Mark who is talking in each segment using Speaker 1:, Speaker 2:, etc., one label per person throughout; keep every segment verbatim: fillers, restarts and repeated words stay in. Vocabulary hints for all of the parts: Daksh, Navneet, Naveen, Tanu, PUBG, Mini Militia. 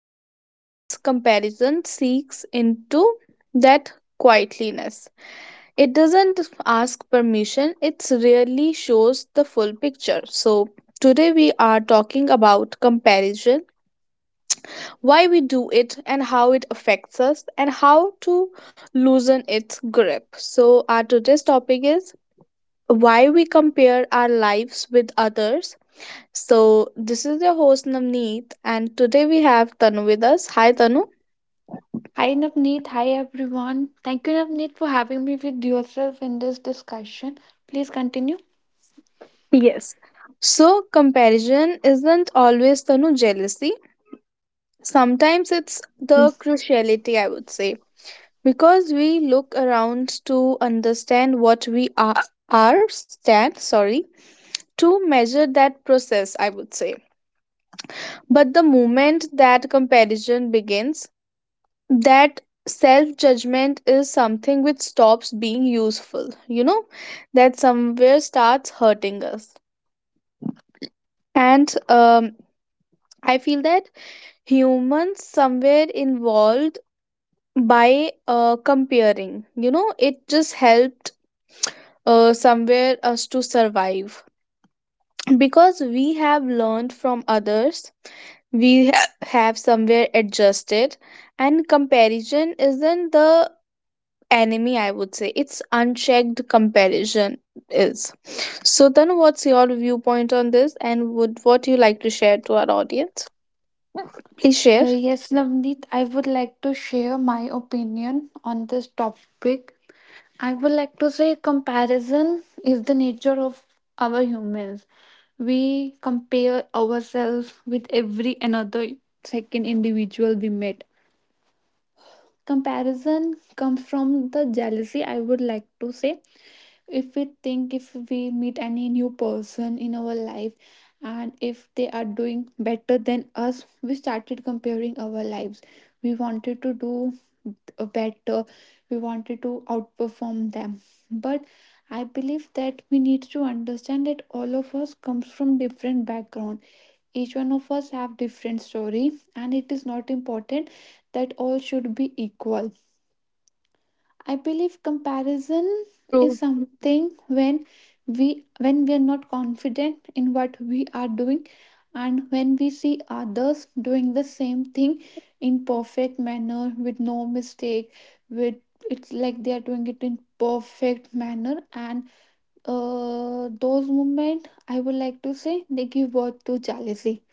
Speaker 1: Because that's comparison seeks into that quietliness. It doesn't ask permission, it really shows the full picture. So, today we are talking about comparison, why we do it, and how it affects us, and how to loosen its grip. So, our today's topic is why we compare our lives with others. So, this is your host Navneet, and today we have Tanu with us. Hi, Tanu.
Speaker 2: Hi Navneet, hi everyone. Thank you Navneet for having me with yourself in this discussion. Please continue.
Speaker 1: Yes, so, comparison isn't always Tanu jealousy. Sometimes it's the
Speaker 2: Yes.
Speaker 1: cruciality, I would say, because we look around to understand what we are, are stand, sorry, to measure that process, I would say. But the moment that comparison begins, that self judgment is something which stops being useful, you know, that somewhere starts hurting us. And um, I feel that humans somewhere involved by uh, comparing you know it just helped uh, somewhere us to survive because we have learned from others we ha- have somewhere adjusted, and comparison isn't the enemy, I would say. It's unchecked comparison is. So then what's your viewpoint on this, and would what you like to share to our audience? Please share.
Speaker 2: Uh, yes, Navneet, I would like to share my opinion on this topic. I would like to say comparison is the nature of our humans. We compare ourselves with every another second individual we meet. Comparison comes from the jealousy, I would like to say. If we think, if we meet any new person in our life and if they are doing better than us, we started comparing our lives. We wanted to do uh, better. We wanted to outperform them, but I believe that we need to understand that all of us comes from different background. Each one of us have different story and it is not important that all should be equal. I believe comparison
Speaker 1: True.
Speaker 2: is something when we when we are not confident in what we are doing, and when we see others doing the same thing in perfect manner with no mistake, with, it's like they are doing it in perfect manner, and uh, those moments, I would like to say, they give birth to jealousy.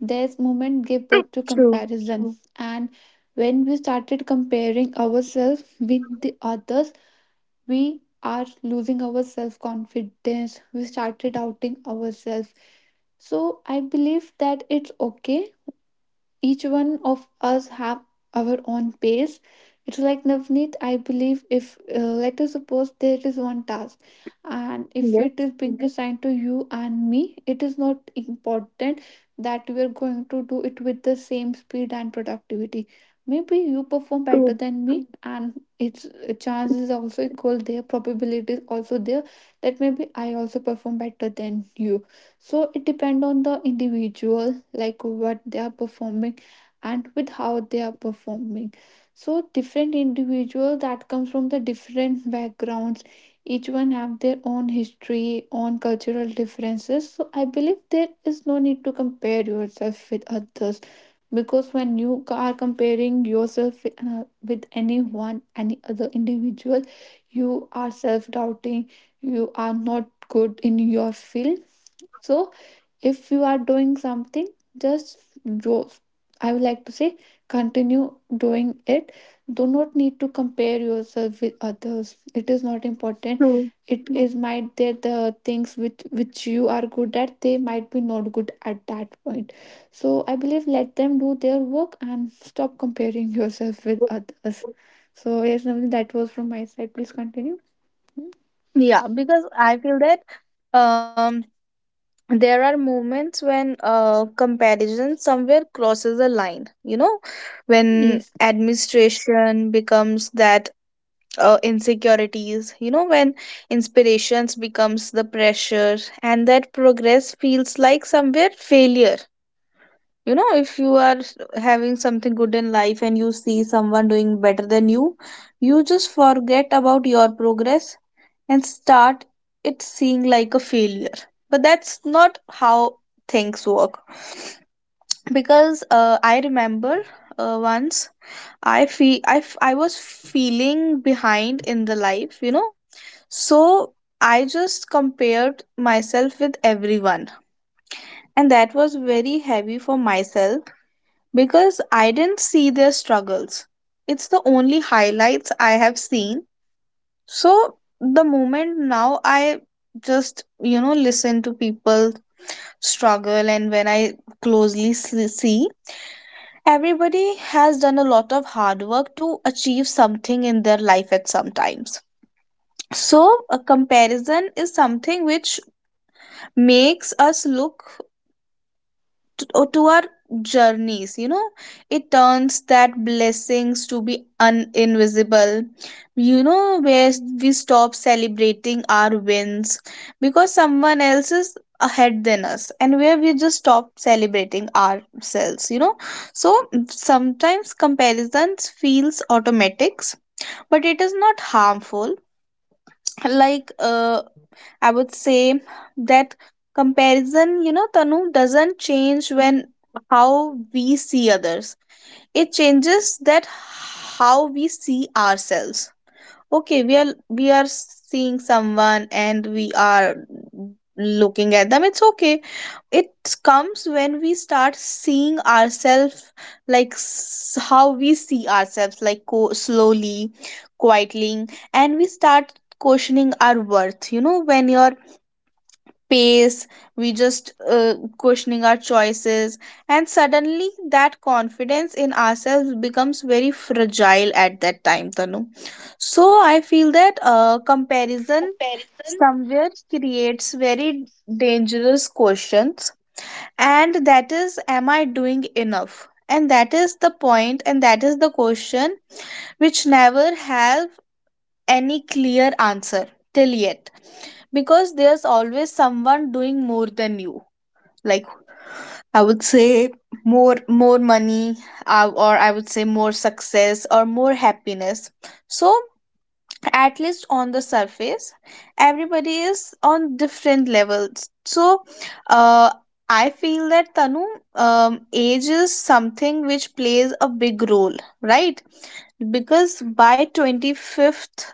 Speaker 2: This moment give birth to
Speaker 1: True.
Speaker 2: comparison. Mm. And when we started comparing ourselves with the others, we are losing our self confidence, we started doubting ourselves. So I believe that it's okay. Each one of us have our own pace. It's like, Navneet, I believe if, uh, let us suppose there is one task and if it is
Speaker 1: Yes.
Speaker 2: being, Mhm, assigned to you and me, it is not important that we are going to do it with the same speed and productivity. Maybe you perform better
Speaker 1: True.
Speaker 2: than me. Mhm. And its uh, chances also equal, there probability is also there that maybe I also perform better than you. So it depend on the individual, like what they are performing and with how they are performing. So different individual that comes from the different backgrounds, each one have their own history, own cultural differences. So I believe there is no need to compare yourself with others, because when you are comparing yourself uh, with anyone, any other individual, you are self doubting, you are not good in your field. So if you are doing something, just do, I would like to say, continue doing it. Do not need to compare yourself with others, it is not important.
Speaker 1: True.
Speaker 2: It is might that the things which which you are good at, they might be not good at that point. So I believe let them do their work and stop comparing yourself with others. So yes, Navneet, that was from my side, please continue. Hmm?
Speaker 1: Yeah, because I feel that um, there are moments when uh, comparison somewhere crosses a line, you know, when
Speaker 2: Yes.
Speaker 1: administration becomes that uh, insecurities, you know, when inspirations becomes the pressure and that progress feels like somewhere failure. You know, if you are having something good in life and you see someone doing better than you, you just forget about your progress and start it seeing like a failure. But that's not how things work, because uh, I remember uh, once I feel I, f- I was feeling behind in the life, you know. So I just compared myself with everyone, and that was very heavy for myself because I didn't see their struggles. It's the only highlights I have seen. So the moment now I just, you know, listen to people struggle, and when I closely s- see everybody has done a lot of hard work to achieve something in their life at some times. So a comparison is something which makes us look to, or to our journeys, you know. It turns that blessings to be un- invisible, you know, where we stop celebrating our wins because someone else is ahead than us, and where we just stop celebrating ourselves, you know. So sometimes comparisons feels automatics, but it is not harmful. Like uh, I would say that comparison, you know, Tanu, doesn't change when how we see others. It changes that how we see ourselves. Okay, we are we are seeing someone and we are looking at them, it's okay. It comes when we start seeing ourselves, like s- how we see ourselves, like co- slowly, quietly, and we start questioning our worth, you know, when your pace, we just uh, questioning our choices, and suddenly that confidence in ourselves becomes very fragile at that time, Tanu. So I feel that uh, comparison
Speaker 2: Comparison.
Speaker 1: somewhere creates very dangerous questions, and that is, am I doing enough? And that is the point, and that is the question which never have any clear answer till yet, because there's always someone doing more than you. Like I would say, more more money, uh, or I would say more success or more happiness. So at least on the surface, everybody is on different levels. So uh, I feel that, Tanu, um, age is something which plays a big role, right? Because by twenty-fifth,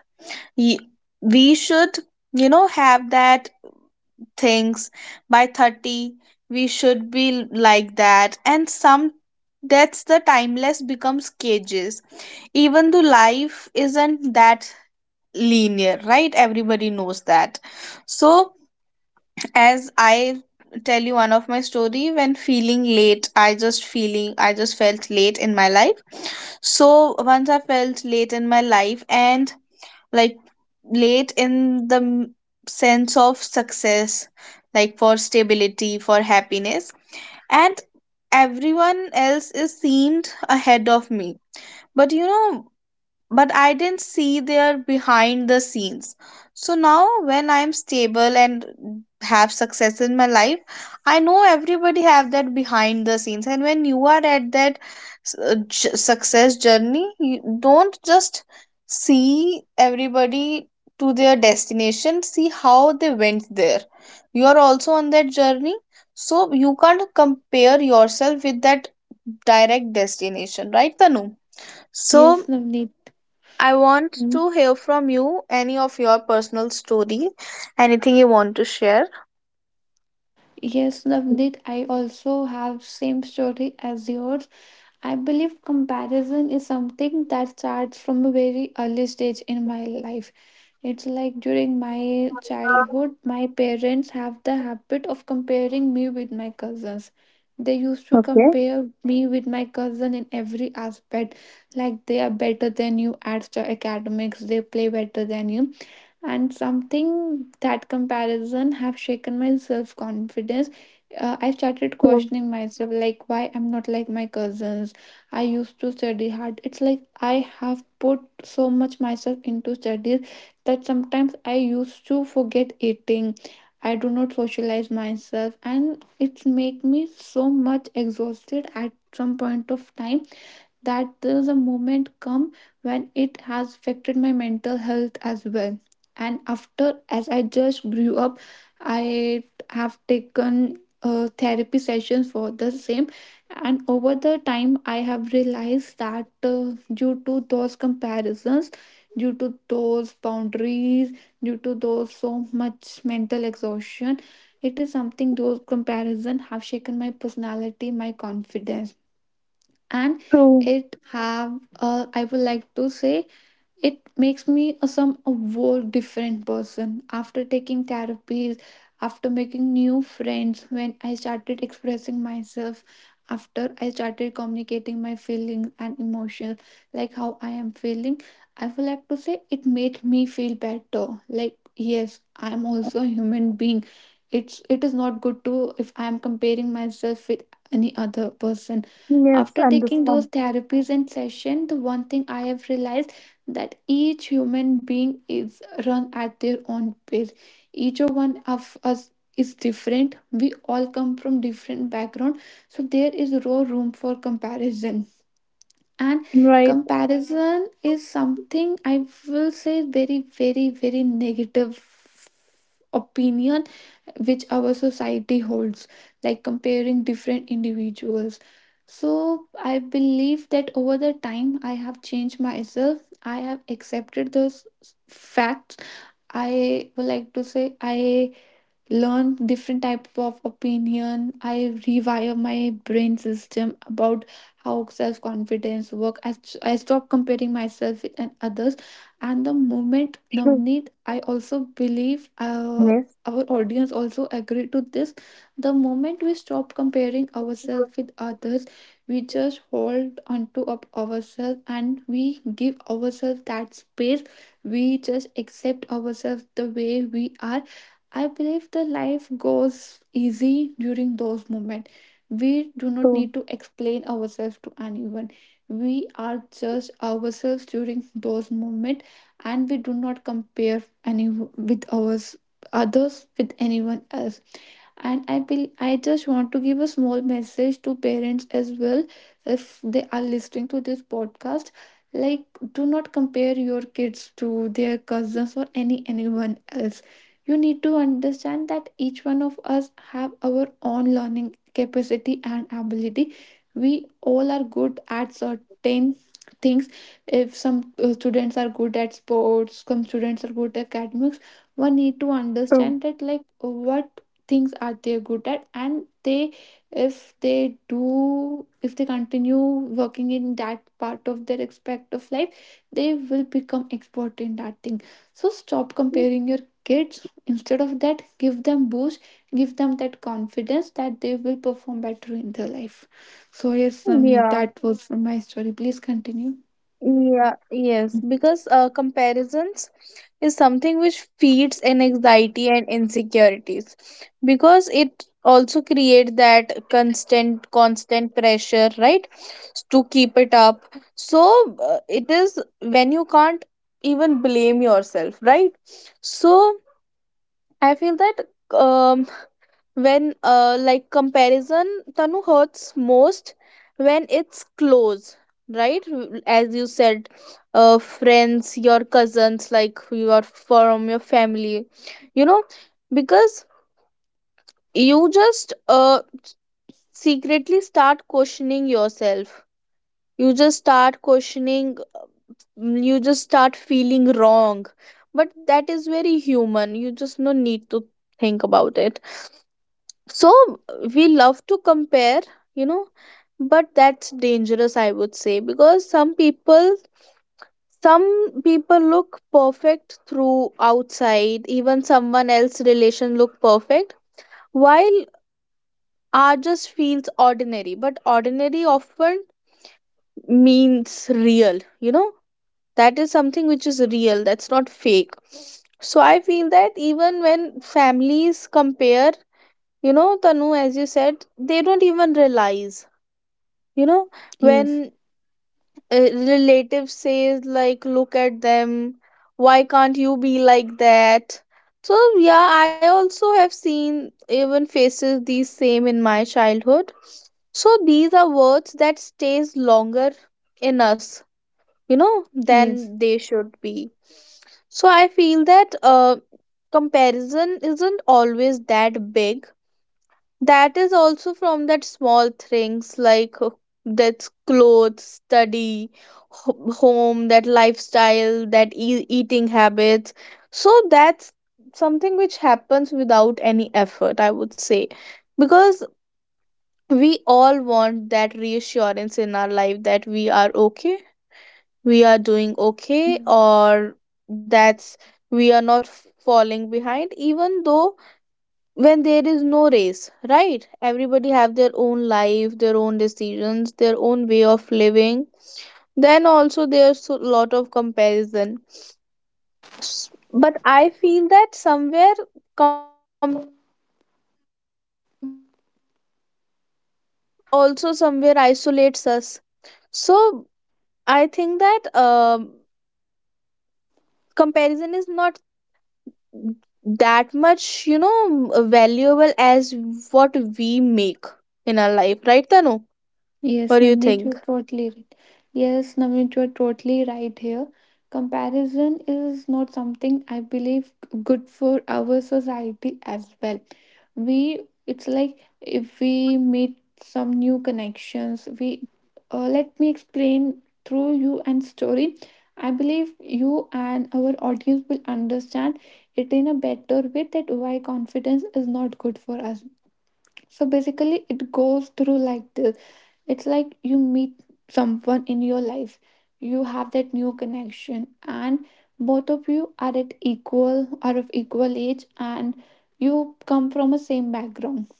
Speaker 1: y- we should, you know, have that things. By thirty, we should be like that, and some, that's the timeless becomes cages, even though life isn't that linear, right? Everybody knows that. So as I tell you one of my story, when feeling late, i just feeling i just felt late in my life. So once I felt late in my life, and like, late in the m- sense of success, like for stability, for happiness, and everyone else is seemed ahead of me. But you know, but I didn't see their behind the scenes. So now, when I'm stable and have success in my life, I know everybody have that behind the scenes. And when you are at that s- uh, j- success journey, you don't just see everybody to their destination. See how they went there. You are also on that journey, so you can't compare yourself with that direct destination, right, Tanu? So
Speaker 2: Yes, Navneet.
Speaker 1: I want
Speaker 2: Hmm?
Speaker 1: to hear from you any of your personal story, anything you want to share.
Speaker 2: Yes, Navneet, I also have same story as yours. I believe comparison is something that starts from a very early stage in my life. It's like during my childhood, my parents have the habit of comparing me with my cousins. They used to
Speaker 1: Okay.
Speaker 2: compare me with my cousin in every aspect. Like they are better than you at st- academics, they play better than you, and something, that comparison have shaken my self confidence. uh, I started
Speaker 1: True.
Speaker 2: questioning myself, like why I'm not like my cousins. I used to study hard, it's like I have put so much myself into studies that sometimes I used to forget eating. I do not socialize myself and it make me so much exhausted at some point of time, that there's a moment come when it has affected my mental health as well. And after, as I just grew up, I have taken uh, therapy sessions for the same, and over the time I have realized that uh, due to those comparisons, due to those boundaries, due to those so much mental exhaustion, it is something, those comparison have shaken my personality, my confidence. And
Speaker 1: True.
Speaker 2: it have, uh, I would like to say, it makes me a some a whole different person. After taking therapies, after making new friends, when I started expressing myself, after I started communicating my feelings and emotions, like how I am feeling. I would like to say it made me feel better. Like yes, I am also a human being. It's it is not good to if I am comparing myself with any other person.
Speaker 1: Yes,
Speaker 2: After taking those
Speaker 1: understand.
Speaker 2: therapies and session, the one thing I have realized, that each human being is run at their own pace. Each one of us is different, we all come from different background, so there is no room for comparison. And
Speaker 1: Right.
Speaker 2: comparison is something, I will say, very very very negative opinion, which our society holds, like comparing different individuals. So I believe that over the time, I have changed myself. I have accepted those facts. I would like to say I learn different type of opinion, I rewire my brain system about how self-confidence work. I, I stop comparing myself with and others. And the moment,
Speaker 1: True.
Speaker 2: Navneet, I also believe uh,
Speaker 1: Yes.
Speaker 2: our audience also agree to this, the moment we stop comparing ourselves with others, we just hold onto up ourselves and we give ourselves that space, we just accept ourselves the way we are. I believe the life goes easy during those moments. We do not need
Speaker 1: True.
Speaker 2: to explain ourselves to anyone. We are just ourselves during those moments, and we do not compare any with ours, others with anyone else. And i will i just want to give a small message to parents as well, if they are listening to this podcast, like do not compare your kids to their cousins or any anyone else. You need to understand that each one of us have our own learning capacity and ability. We all are good at certain things. If some uh, students are good at sports, some students are good at academics, one need to understand
Speaker 1: True.
Speaker 2: that, like what things are they good at, and they, if they do if they continue working in that part of their aspect of life, they will become expert in that thing. So stop comparing your kids. Instead of that, give them boost, give them that confidence that they will perform better in their life. So yes, Namni,
Speaker 1: Yeah.
Speaker 2: that was my story, please continue.
Speaker 1: Yeah, yes, because uh, comparisons is something which feeds in anxiety and insecurities, because it also creates that constant constant pressure, right, to keep it up. So uh, it is when you can't even blame yourself, right? So I feel that um when uh, like comparison, Tanu, hurts most when it's close, right? As you said, uh, friends, your cousins, like you are from your family, you know, because you just uh, secretly start questioning yourself, you just start questioning, mm, you just start feeling wrong. But that is very human, you just no need to think about it. So we love to compare, you know, but that's dangerous, I would say, because some people, some people look perfect through outside, even someone else relation look perfect, while ours just feels ordinary. But ordinary often means real, you know, that is something which is real, that's not fake. So I feel that even when families compare, you know, Tanu, as you said, they don't even realize, you know,
Speaker 2: Yes.
Speaker 1: when uh, relatives says, like, look at them, why can't you be like that? So yeah, I also have seen, even faces these same in my childhood. So these are words that stays longer in us, you know, than
Speaker 2: Yes.
Speaker 1: they should be. So I feel that uh, comparison isn't always that big. That is also from that small things, like uh, that's clothes, study, ho- home, that lifestyle, that e- eating habits. So that's something which happens without any effort, I would say. Because we all want that reassurance in our life that we are okay, we are doing okay, or that's we are not falling behind, even though when there is no race, right? Everybody have their own life, their own decisions, their own way of living, then also there's a lot of comparison. S- but I feel that somewhere comparison also connects us, you know, but also somewhere isolates us. So I think that um, comparison is not that much, you know, valuable as what we make in our life, right, Tanu?
Speaker 2: Yes,
Speaker 1: What do you
Speaker 2: Navneet, you're
Speaker 1: think?
Speaker 2: totally right. Yes, Navneet, you're totally right here. Comparison is not something I believe good for our society as well. We, it's like if we meet some new connections, we, uh, let me explain through you and story. I believe you and our audience will understand it in a better way, that why confidence is not good for us. So basically, it goes through like this. It's like you meet someone in your life, you have that new connection, and both of you are at equal, are of equal age, and you come from a same background.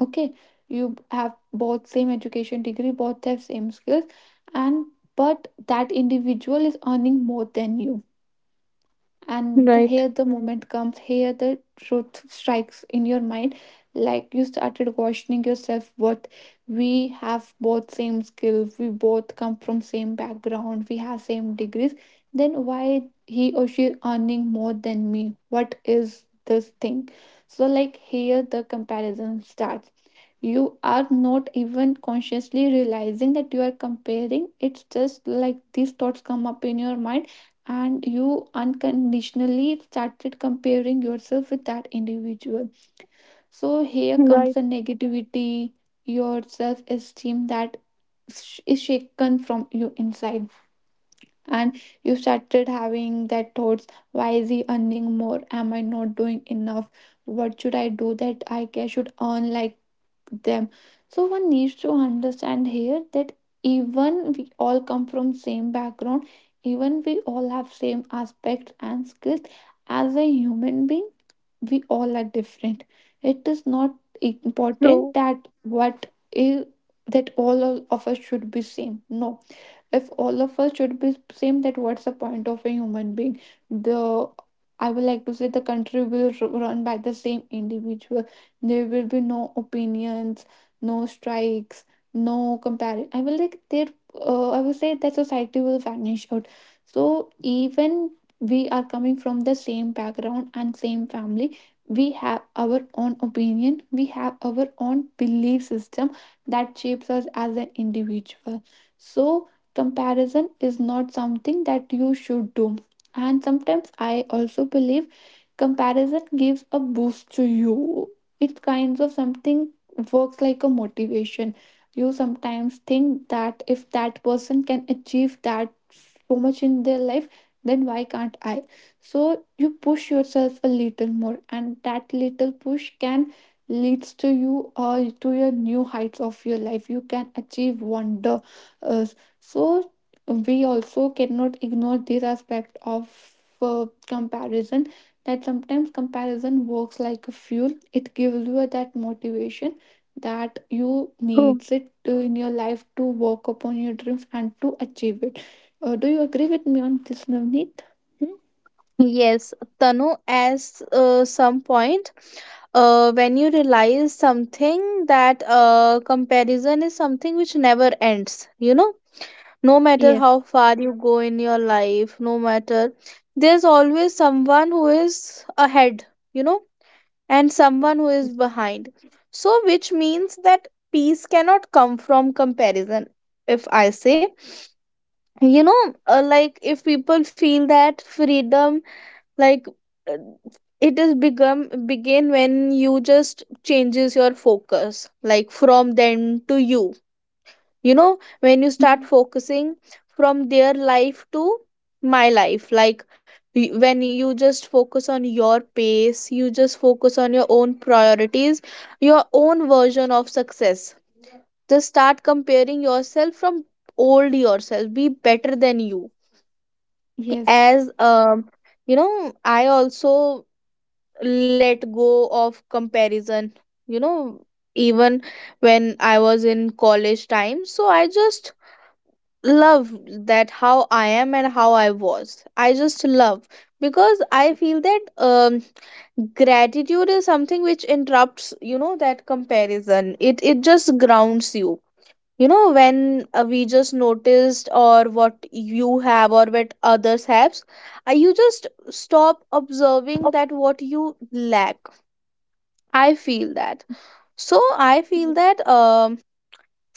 Speaker 2: Okay. You have both same education degree, both have same skills, and but that individual is earning more than you, and the-
Speaker 1: Right,
Speaker 2: here the moment comes, here the truth strikes in your mind, like you started questioning yourself, what, we have both same skills, we both come from same background, we have same degrees, then why he or she earning more than me, what is this thing. So like here the comparison starts. You are not even consciously realizing that you are comparing, it's just like these thoughts come up in your mind, and you unconditionally started comparing yourself with that individual. So here comes
Speaker 1: right,
Speaker 2: the negativity, your self esteem that sh- is shaken from you inside. And you started having that thoughts, why is he earning more? Am I not doing enough? What should I do that I ca- should earn like them. So one needs to understand here that even we all come from same background, even we all have same aspects and skills, as a human being we all are different. It is not important
Speaker 1: true,
Speaker 2: that what is, that all of us should be same. No. If all of us should be same, that what's the point of a human being. The, I would like to say, the country will r- run by the same individual, there will be no opinions, no strikes, no comparison. I will like there, uh, I will say that society will vanish out. So even we are coming from the same background and same family, we have our own opinion, we have our own belief system that shapes us as an individual. So comparison is not something that you should do. And sometimes I also believe comparison gives a boost to you, it kinds of something works like a motivation. You sometimes think that if that person can achieve that so much in their life, then why can't I. So you push yourself a little more, and that little push can leads to you or to your new heights of your life, you can achieve wonder. Uh, so we also cannot ignore this aspect of uh, comparison, that sometimes comparison works like a fuel. It gives you that motivation that you
Speaker 1: true.
Speaker 2: needs it to- in your life to work upon your dreams and to achieve it. Uh, do you agree with me on this, Navneet? Hmm?
Speaker 1: Yes, Tanu, as uh, some point, uh, when you realize something that uh, comparison is something which never ends, you know, no matter
Speaker 2: Yes.
Speaker 1: how far you go in your life, no matter, there's always someone who is ahead, you know, and someone who is
Speaker 2: Yes.
Speaker 1: behind. So, which means that peace cannot come from comparison, if I say, you know, uh, like if people feel that freedom, like uh, it is become begin when you just changes your focus, like from them to you, you know, when you start
Speaker 2: Hmm.
Speaker 1: focusing from their life to my life, like y- when you just focus on your pace, you just focus on your own priorities, your own version of success. Just start comparing yourself from old yourself, be better than you.
Speaker 2: Yes.
Speaker 1: As um you know, I also let go of comparison, you know, even when I was in college time. So I just love that how I am and how I was, I just love, because I feel that um gratitude is something which interrupts, you know, that comparison, it it just grounds you, you know, when uh, we just noticed or what you have or what others have, uh, you just stop observing that
Speaker 2: Okay.
Speaker 1: what you lack, I feel that. So I feel
Speaker 2: Yes.
Speaker 1: that um,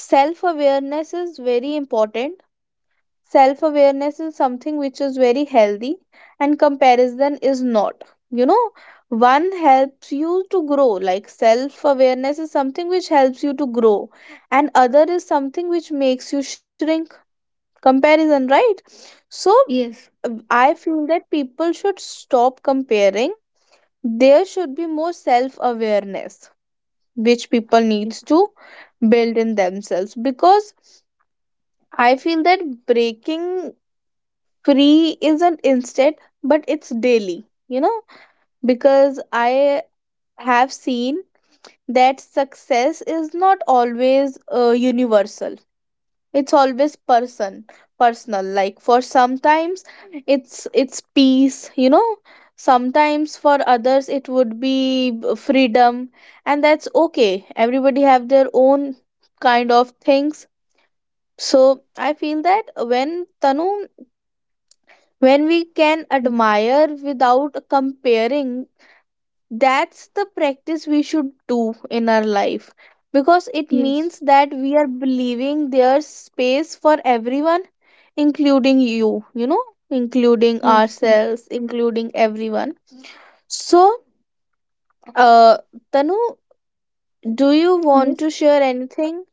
Speaker 1: self awareness is very important. Self awareness is something which is very healthy, and comparison is not, you know. One helps you to grow, like self awareness is something which helps you to grow, and other is something which makes you shrink, comparison, right? So
Speaker 2: Yes.
Speaker 1: uh, I feel that people should stop comparing. There should be more self awareness, which people needs
Speaker 2: Yes.
Speaker 1: to build in themselves, because I feel that breaking free isn't instant, but it's daily, you know, because I have seen that success is not always uh, universal. It's always person, personal. Like for sometimes it's it's peace, you know, sometimes for others it would be b- freedom, and that's okay. Everybody have their own kind of things. So I feel that when, Tanu, when we can
Speaker 2: Yes.
Speaker 1: admire without comparing, that's the practice we should do in our life, because it
Speaker 2: Yes.
Speaker 1: means that we are believing there's space for everyone, including you, you know, including
Speaker 2: Yes.
Speaker 1: ourselves, including everyone. So, uh, Tanu, do you want to
Speaker 2: Yes.
Speaker 1: share anything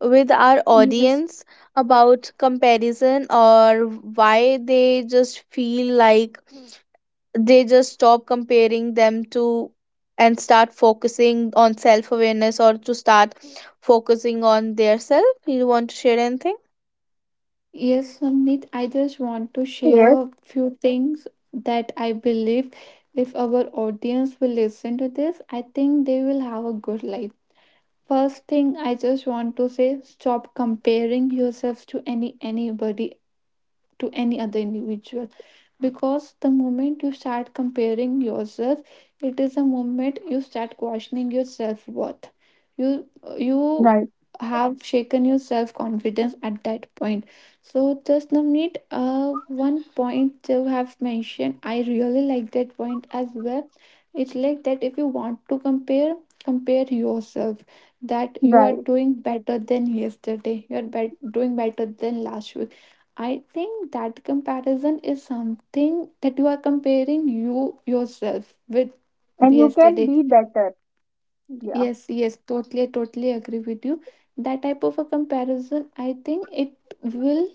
Speaker 1: with our
Speaker 2: Yes.
Speaker 1: audience about comparison, or why they just feel like they just stop comparing them to, and start focusing on self awareness, or to start focusing on their self? You want to share anything?
Speaker 2: Yes, Samnit, I just want to
Speaker 1: Yes,
Speaker 2: share few things that I believe if our audience will listen to this, I think they will have a good life. First thing I just want to say, stop comparing yourself to any anybody to any other individual, because the moment you start comparing yourself it is the moment you start questioning your self-worth. You you
Speaker 1: right,
Speaker 2: have shaken your self-confidence at that point. So just Navneet, uh, one point you have mentioned, I really like that point as well. It's like that if you want to compare, compare yourself that you are
Speaker 1: right.
Speaker 2: doing better than yesterday, you are bet doing better than last week. I think that comparison is something that you are comparing you yourself with
Speaker 1: And you can
Speaker 2: yesterday.
Speaker 1: be better. Yeah.
Speaker 2: Yes, yes, totally, totally agree with you. That type of a comparison, I think it will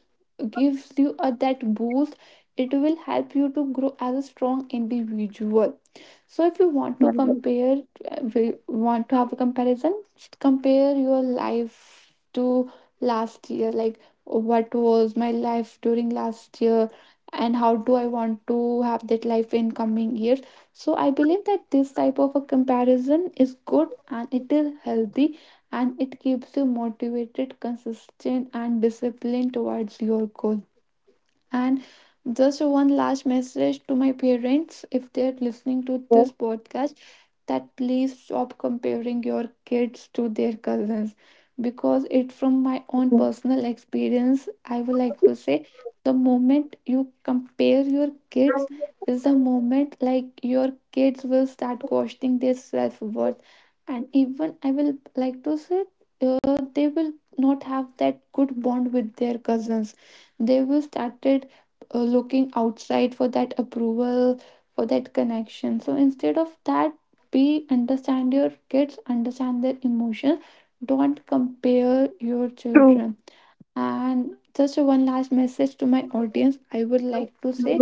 Speaker 2: gives you a that boost. It will help you to grow as a strong individual. So if you want to
Speaker 1: True.
Speaker 2: compare, uh, we want to have a comparison, just compare your life to last year. Like, what was my life during last year, and how do I want to have that life in coming years? So I believe that this type of a comparison is good and it is healthy, and it keeps you motivated, consistent and disciplined towards your goal. And just one last message to my parents if they're listening to this podcast, that please stop comparing your kids to their cousins. Because it, from my own personal experience, I would like to say, the moment you compare your kids is the moment like your kids will start questioning their self-worth. And even I will like to say, uh, they will not have that good bond with their cousins. They will started uh, looking outside for that approval, for that connection. So instead of that, be understand your kids, understand their emotions, don't compare your children. And just one last message to my audience I would like to say,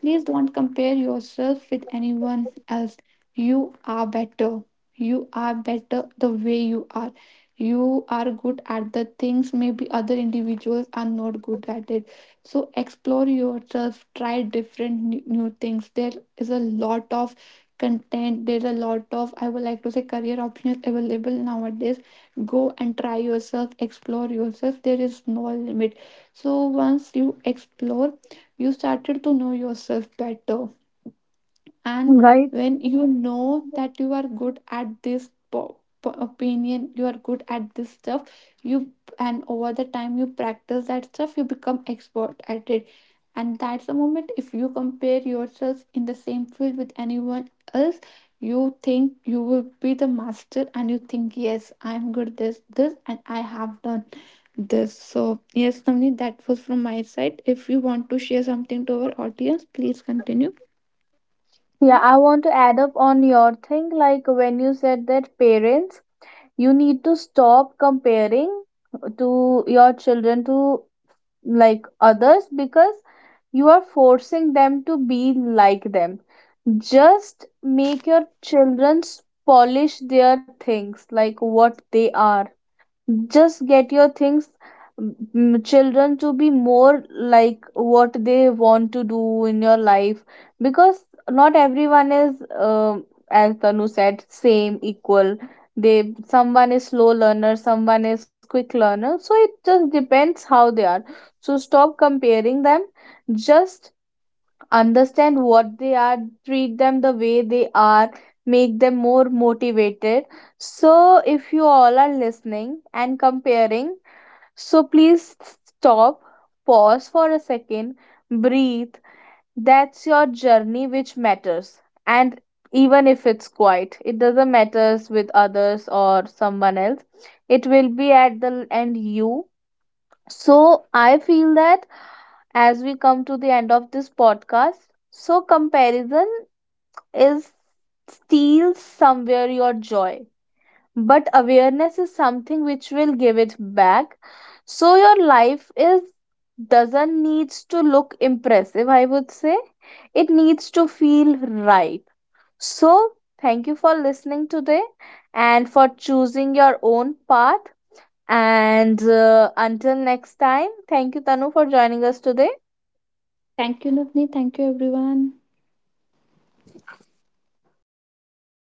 Speaker 2: please don't compare yourself with anyone else. You are better. You are better the way you are. You are good at the things maybe other individuals are not good at it. So explore yourself, try different new, new things. There is a lot of content, there's a lot of, I would like to say, career options available nowadays. Go and try yourself, explore yourself. There is no limit. So once you explore, you started to know yourself better, and
Speaker 1: Right.
Speaker 2: when you know that you are good at this po- po- opinion, you are good at this stuff, you and over the time you practice that stuff you become expert at it, and that's the moment if you compare yourself in the same field with anyone else, you think you will be the master and you think yes, I'm good at this, this, and I have done this. So yes Namni, that was from my side. If you want to share something to our audience, please continue.
Speaker 1: Yeah,
Speaker 2: Hmm.
Speaker 1: I want to add up on your thing. Like when you said that parents, you need to stop comparing to your children to like others, because you are forcing them to be like them. Just make your children polish their things like what they are. Just get your things, mm, children to be more like what they want to do in your life, because not everyone is um as Tanu said, same equal. They, someone is slow learner, someone is quick learner, so it just depends how they are. So stop comparing them, just understand what they are, treat them the way they are, make them more motivated. So if you all are listening and comparing, so please stop, pause for a second, breathe. That's your journey which matters, and even if it's quiet, it doesn't matters with others or someone else. It will be at the end you. So I feel that as we come to the end of this podcast. So, comparison is steals somewhere your joy, but awareness is something which will give it back. So, your life is doesn't needs to look impressive, I would say. It needs to feel right. So, thank you for listening today and for choosing your own path. And uh, until next time, thank you, Tanu, for joining us today.
Speaker 2: Thank you, Navneet. Thank you, everyone.